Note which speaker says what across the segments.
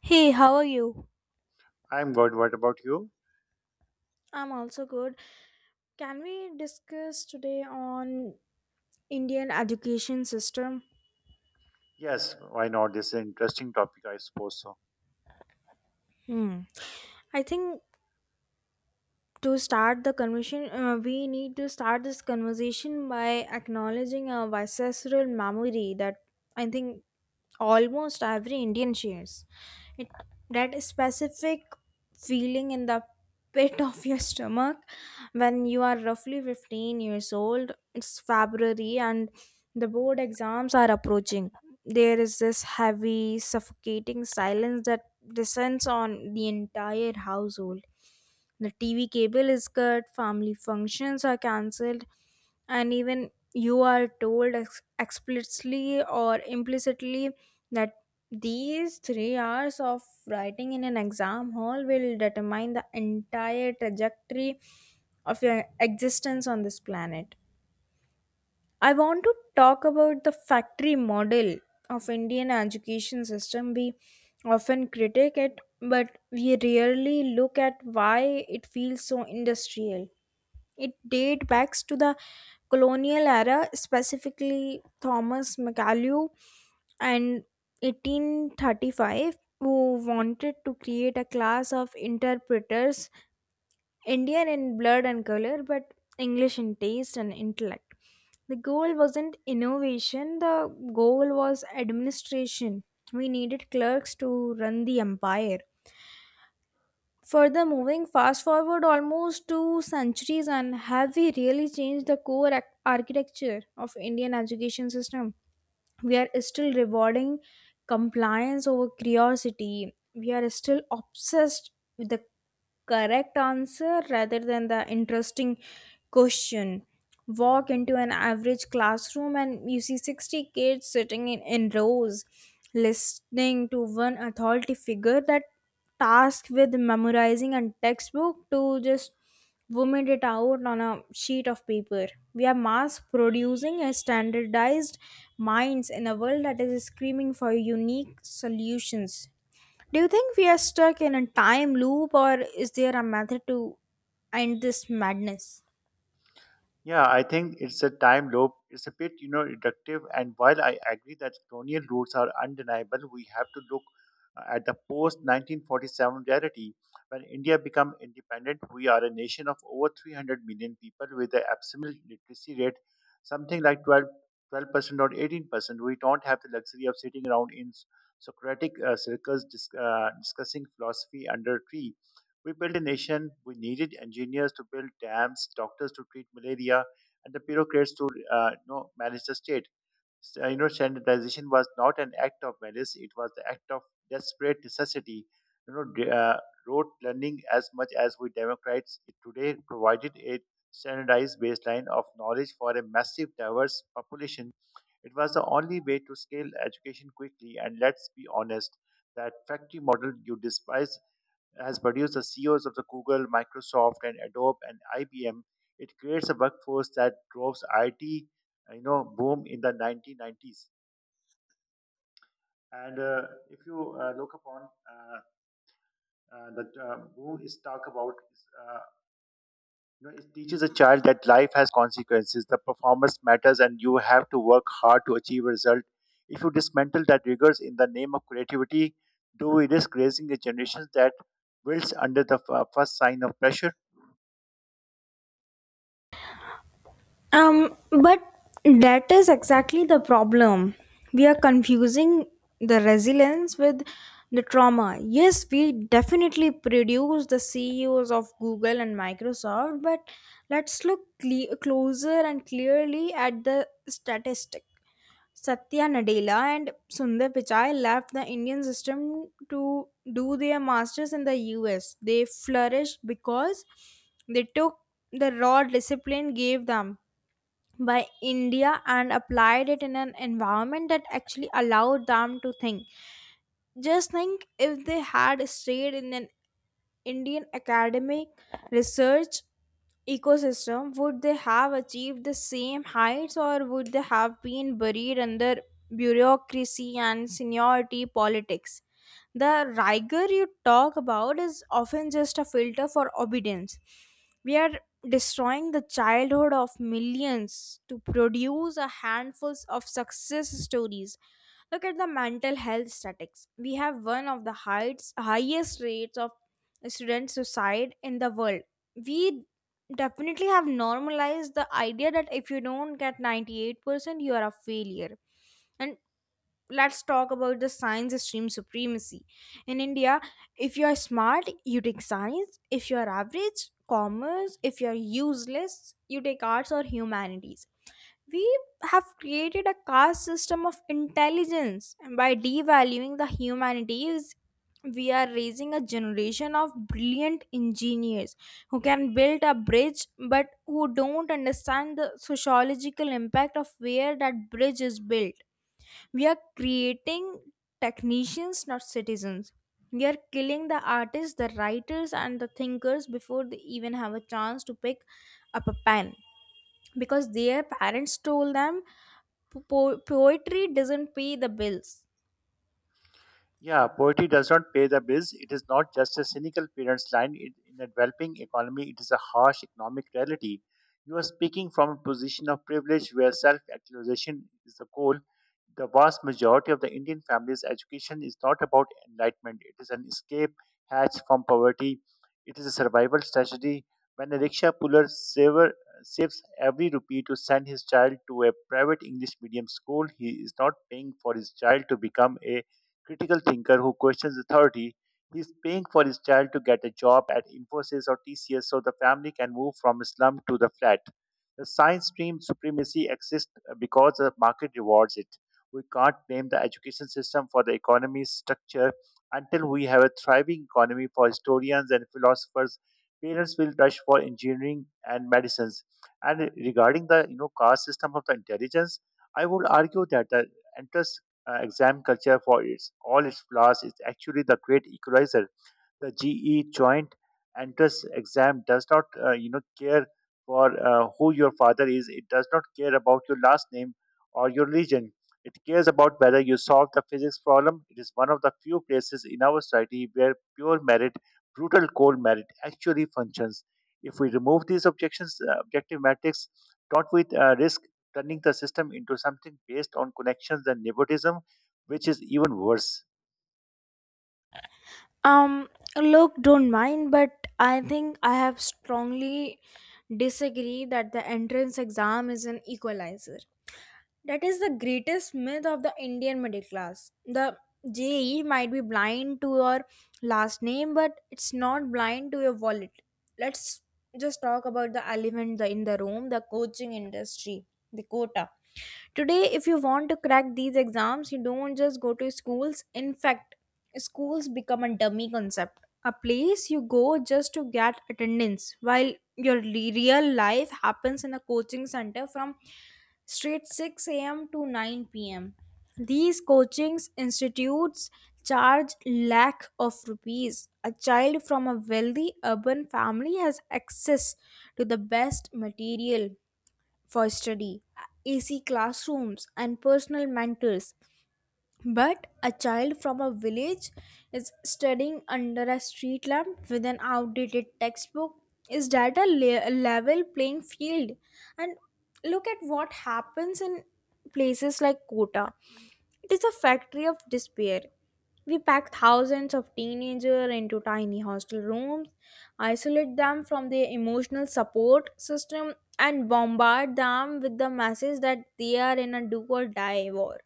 Speaker 1: Hey, how are you?
Speaker 2: I'm good. What about you?
Speaker 1: I'm also good. Can we discuss today on Indian education system?
Speaker 2: Yes, why not? This is an interesting topic, I suppose so.
Speaker 1: Hmm. I think to start the conversation, we need to start this conversation by acknowledging a visceral memory that I think almost every Indian shares. It that specific feeling in the pit of your stomach when you are roughly 15 years old. It's February and the board exams are approaching. There is this heavy, suffocating silence that descends on the entire household. The TV cable is cut, family functions are cancelled, and even you are told explicitly or implicitly that these 3 hours of writing in an exam hall will determine the entire trajectory of your existence on this planet. I want to talk about the factory model of Indian education system. We often critique it, but we rarely look at why it feels so industrial. It dates back to the colonial era, specifically Thomas McAlew and 1835, who wanted to create a class of interpreters Indian in blood and color, but English in taste and intellect. The goal wasn't innovation, the goal was administration. We needed clerks to run the empire. Further, moving fast forward almost 2 centuries, and have we really changed the core architecture of Indian education system? We are still rewarding compliance over curiosity. We are still obsessed with the correct answer rather than the interesting question. Walk into an average classroom and you see 60 kids sitting in rows listening to one authority figure that tasked with memorizing a textbook to just vomit it out on a sheet of paper. We are mass producing a standardized minds in a world that is screaming for unique solutions. Do you think we are stuck in a time loop or is there a method to end this madness?
Speaker 2: Yeah, I think it's a time loop. It's a bit, you know, reductive. And while I agree that colonial roots are undeniable, we have to look at the post 1947 reality. When India became independent, we are a nation of over 300 million people with an abysmal literacy rate, something like 12% or 18%. We don't have the luxury of sitting around in Socratic circles discussing philosophy under a tree. We built a nation. We needed engineers to build dams, doctors to treat malaria, and the bureaucrats to you know, manage the state. You know, standardization was not an act of malice; it was the act of desperate necessity. You know, rote learning, as much as we Democrats today, provided a standardized baseline of knowledge for a massive, diverse population. It was the only way to scale education quickly. And let's be honest, that factory model you despise has produced the CEOs of the Google, Microsoft, and Adobe and IBM. It creates a workforce that drove IT, you know, boom in the 1990s. And if you look upon the boom is talk about, uh, you know, it teaches a child that life has consequences, the performance matters, and you have to work hard to achieve a result. If you dismantle that rigors in the name of creativity, do we risk raising a generation that wilts under the first sign of pressure?
Speaker 1: But that is exactly the problem. We are confusing the resilience with the trauma. Yes, we definitely produce the CEOs of Google and Microsoft, but let's look closer and clearly at the statistic. Satya Nadella and Sundar Pichai left the Indian system to do their masters in the US. They flourished because they took the raw discipline gave them by India and applied it in an environment that actually allowed them to think. Just think if they had stayed in an Indian academic research ecosystem, would they have achieved the same heights or would they have been buried under bureaucracy and seniority politics? The rigor you talk about is often just a filter for obedience. We are destroying the childhood of millions to produce a handful of success stories. Look at the mental health statistics. We have one of the highest rates of student suicide in the world. We definitely have normalized the idea that if you don't get 98%, you are a failure. And let's talk about the science stream supremacy in india. If you are smart you take science, if you are average commerce, if you are useless you take arts or humanities. We have created a caste system of intelligence, and by devaluing the humanities we are raising a generation of brilliant engineers who can build a bridge but who don't understand the sociological impact of where that bridge is built. We are creating technicians, not citizens. We are killing the artists, the writers, and the thinkers before they even have a chance to pick up a pen because their parents told them poetry doesn't pay the bills.
Speaker 2: Yeah, poverty does not pay the bills. It is not just a cynical parent's line. It, in a developing economy, it is a harsh economic reality. You are speaking from a position of privilege where self actualization is the goal. The vast majority of the Indian families' education is not about enlightenment, it is an escape hatch from poverty. It is a survival strategy. When a rickshaw puller saves every rupee to send his child to a private English medium school, he is not paying for his child to become a critical thinker who questions authority. He's paying for his child to get a job at Infosys or TCS so the family can move from slum to the flat. The science stream supremacy exists because the market rewards it. We can't blame the education system for the economy's structure until we have a thriving economy for historians and philosophers. Parents will rush for engineering and medicines. And regarding the, you know, caste system of the intelligence, I would argue that the entire exam culture for its all its flaws is actually the great equalizer. The GE joint entrance exam does not, you know, care for who your father is. It does not care about your last name or your religion. It cares about whether you solve the physics problem. It is one of the few places in our society where pure merit, brutal cold merit, actually functions. If we remove these objective metrics, don't we risk turning the system into something based on connections and nepotism, which is even worse?
Speaker 1: Um, look, don't mind, but I think I have strongly disagree that the entrance exam is an equalizer. That is the greatest myth of the Indian middle class. The JE might be blind to your last name, but it's not blind to your wallet. Let's just talk about the elephant in the room, the coaching industry, the quota. Today, if you want to crack these exams, you don't just go to schools. In fact, schools become a dummy concept, a place you go just to get attendance, while your real life happens in a coaching center from straight 6 a.m. to 9 p.m. These coaching institutes charge lakh of rupees. A child from a wealthy urban family has access to the best material, for study, AC classrooms, and personal mentors. But a child from a village is studying under a street lamp with an outdated textbook. Is that a level playing field? And look at what happens in places like Kota. It is a factory of despair. We pack thousands of teenagers into tiny hostel rooms, isolate them from their emotional support system, and bombard them with the message that they are in a do or die war.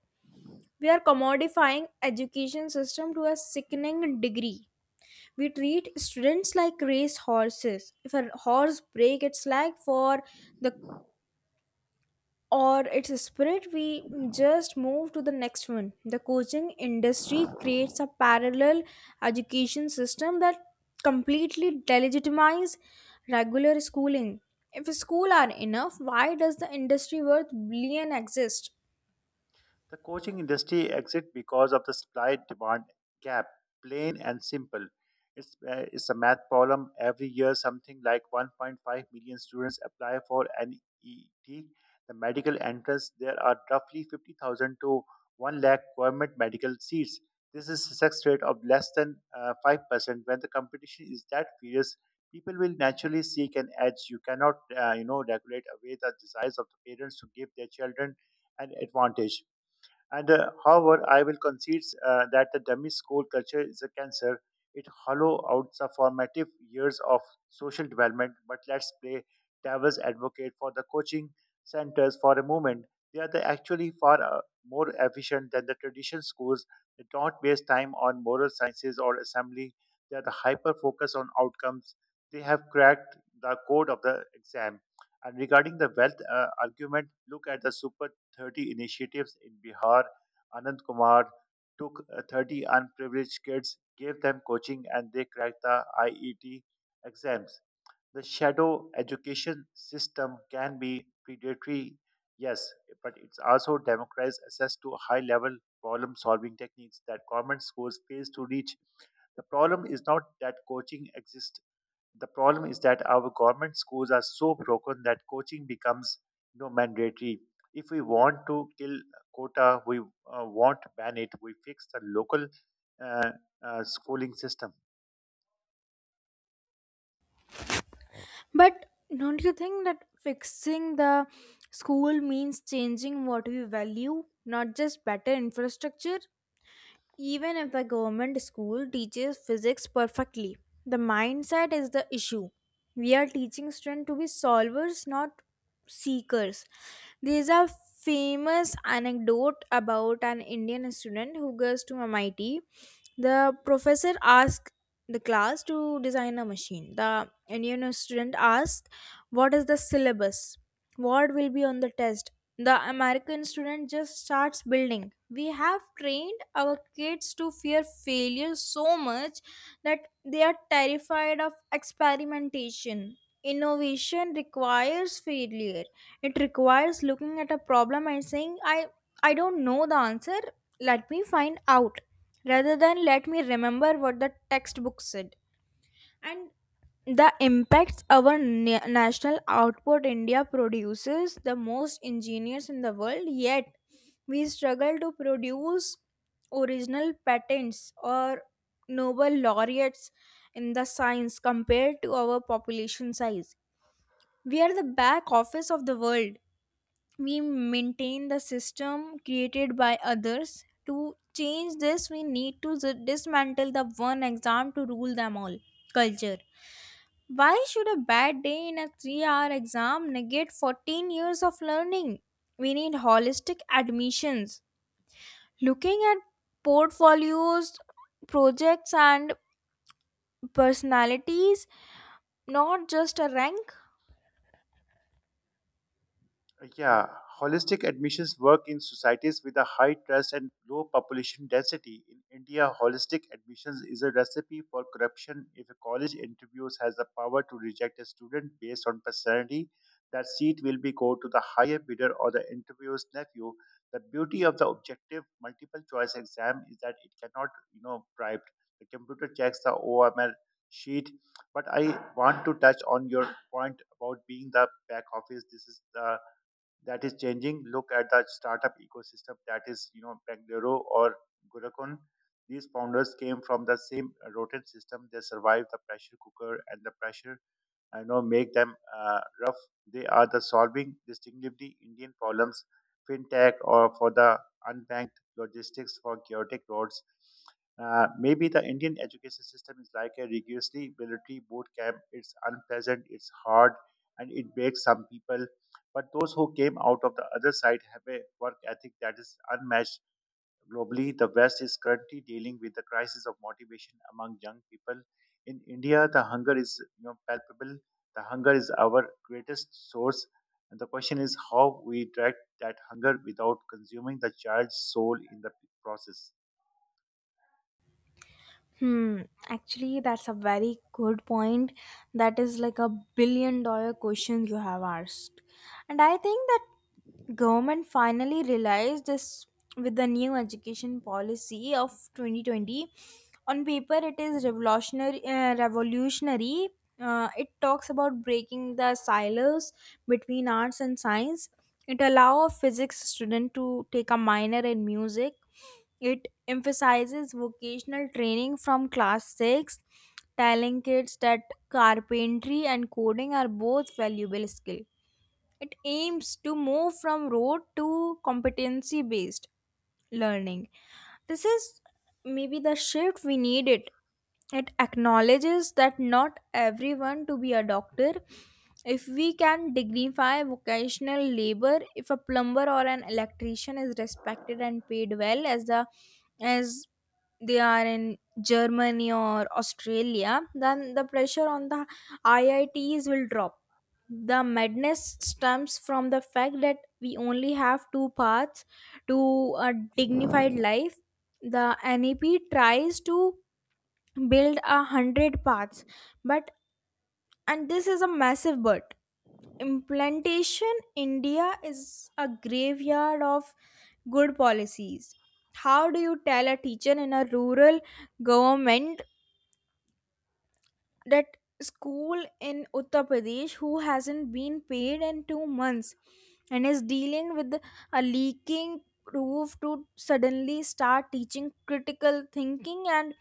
Speaker 1: We are commodifying education system to a sickening degree. We treat students like race horses. If a horse break its leg for the or its spirit, we just move to the next one. The coaching industry creates a parallel education system that completely delegitimizes regular schooling. If schools are enough, why does the industry worth billion exist?
Speaker 2: The coaching industry exists because of the supply demand gap, plain and simple. It's a math problem. Every year, something like 1.5 million students apply for an the medical entrance. There are roughly 50,000 to 1 lakh government medical seats. This is a success rate of less than 5%. When the competition is that fierce, people will naturally seek an edge. You cannot, you know, regulate away the desires of the parents to give their children an advantage. And however, I will concede that the dummy school culture is a cancer. It hollow out the formative years of social development. But let's play devil's advocate for the coaching centers for a moment. They are the actually far more efficient than the traditional schools. They don't waste time on moral sciences or assembly. They are the hyper focus on outcomes. They have cracked the code of the exam. And regarding the wealth argument, look at the super 30 initiatives in Bihar. Anand Kumar took 30 unprivileged kids, gave them coaching, and they cracked the IET exams. The shadow education system can be predatory, yes, but it's also democratized access to high level problem solving techniques that government schools fail to reach. The problem is not that coaching exists, the problem is that our government schools are so broken that coaching becomes, you know, mandatory. If we want to kill quota, we want to ban it. We fix the local uh, schooling system.
Speaker 1: But don't you think that fixing the school means changing what we value, not just better infrastructure? Even if the government school teaches physics perfectly, the mindset is the issue. We are teaching students to be solvers, not seekers. There's a famous anecdote about an Indian student who goes to MIT. The professor asked the class to design a machine. The Indian student asked, What is the syllabus? What will be on the test? The American student just starts building. We have trained our kids to fear failure so much that they are terrified of experimentation. Innovation requires failure. It requires looking at a problem and saying, I don't know the answer, let me find out, rather than let me remember what the textbook said. And the impacts our national output, india produces the most engineers in the world, yet we struggle to produce original patents or nobel laureates in the science compared to our population size. We are the back office of the world. We maintain the system created by others. To change this we need to dismantle the one exam to rule them all culture. Why should a bad day in a 3-hour exam negate 14 years of learning? We need holistic admissions. Looking at portfolios, projects, and personalities, not just a rank.
Speaker 2: Yeah, holistic admissions work in societies with a high trust and low population density. In India, holistic admissions is a recipe for corruption. If a college interviews has the power to reject a student based on personality, that seat will be go to the higher bidder or the interviewer's nephew. The beauty of the objective multiple choice exam is that it cannot, you know, bribed. The computer checks the OML sheet, but I want to touch on your point about being the back office. This is the that is changing. Look at the startup ecosystem that is, you know, Bangalore or Gurukulam. These founders came from the same rotten system. They survived the pressure cooker and the pressure I know make them rough. They are the solving distinctively Indian problems, fintech or for the unbanked logistics for chaotic roads. Maybe the Indian education system is like a rigorously military boot camp. It's unpleasant, it's hard, and it breaks some people. But those who came out of the other side have a work ethic that is unmatched. Globally, the West is currently dealing with the crisis of motivation among young people. In India, the hunger is, you know, palpable. The hunger is our greatest source. And the question is how we direct that hunger without consuming the child's soul in the process.
Speaker 1: Hmm. Actually, that's a very good point. That is like a billion dollar question you have asked. And I think that government finally realized this with the new education policy of 2020. On paper, it is revolutionary. Revolutionary. It talks about breaking the silos between arts and science. It allows a physics student to take a minor in music. It emphasizes vocational training from class 6, telling kids that carpentry and coding are both valuable skills. It aims to move from rote to competency based learning. This is maybe the shift we needed. It acknowledges that not everyone to be a doctor. If we can dignify vocational labor, if a plumber or an electrician is respected and paid well as the as they are in Germany or Australia, then the pressure on the IITs will drop. The madness stems from the fact that we only have two paths to a dignified life. The NEP tries to build 100 paths, but, and this is a massive but, implementation. India is a graveyard of good policies. How do you tell a teacher in a rural government that school in Uttar Pradesh who hasn't been paid in 2 months and is dealing with a leaking roof to suddenly start teaching critical thinking and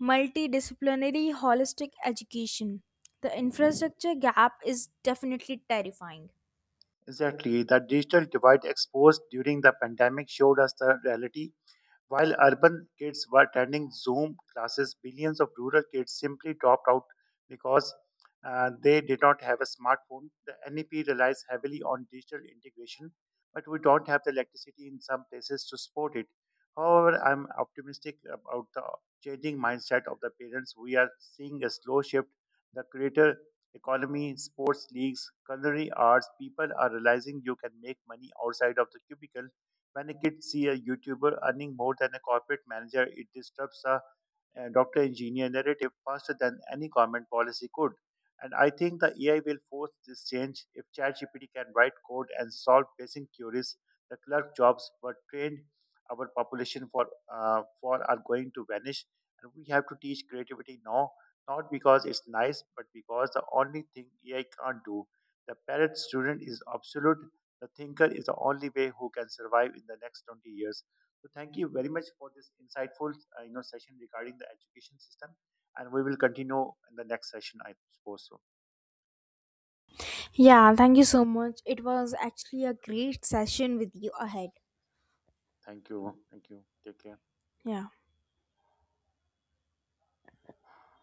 Speaker 1: multidisciplinary holistic education. The infrastructure gap is definitely terrifying.
Speaker 2: Exactly. The digital divide exposed during the pandemic showed us the reality. While urban kids were attending Zoom classes, billions of rural kids simply dropped out because they did not have a smartphone. The NEP relies heavily on digital integration, but we don't have the electricity in some places to support it. However, I'm optimistic about the changing mindset of the parents. We are seeing a slow shift. The creator economy, sports leagues, culinary arts, people are realizing you can make money outside of the cubicle when kids see a YouTuber earning more than a corporate manager. It disturbs a doctor engineer narrative faster than any government policy could. And I think the AI will force this change. If ChatGPT can write code and solve basic queries, the clerk jobs were trained our population for are going to vanish. And we have to teach creativity now, not because it's nice, but because the only thing AI can't do. The parrot student is absolute. The thinker is the only way who can survive in the next 20 years. So thank you very much for this insightful, you know, session regarding the education system, and we will continue in the next session, I suppose. So
Speaker 1: Yeah, thank you so much. It was actually a great session with you ahead.
Speaker 2: thank you, take care.
Speaker 1: Yeah.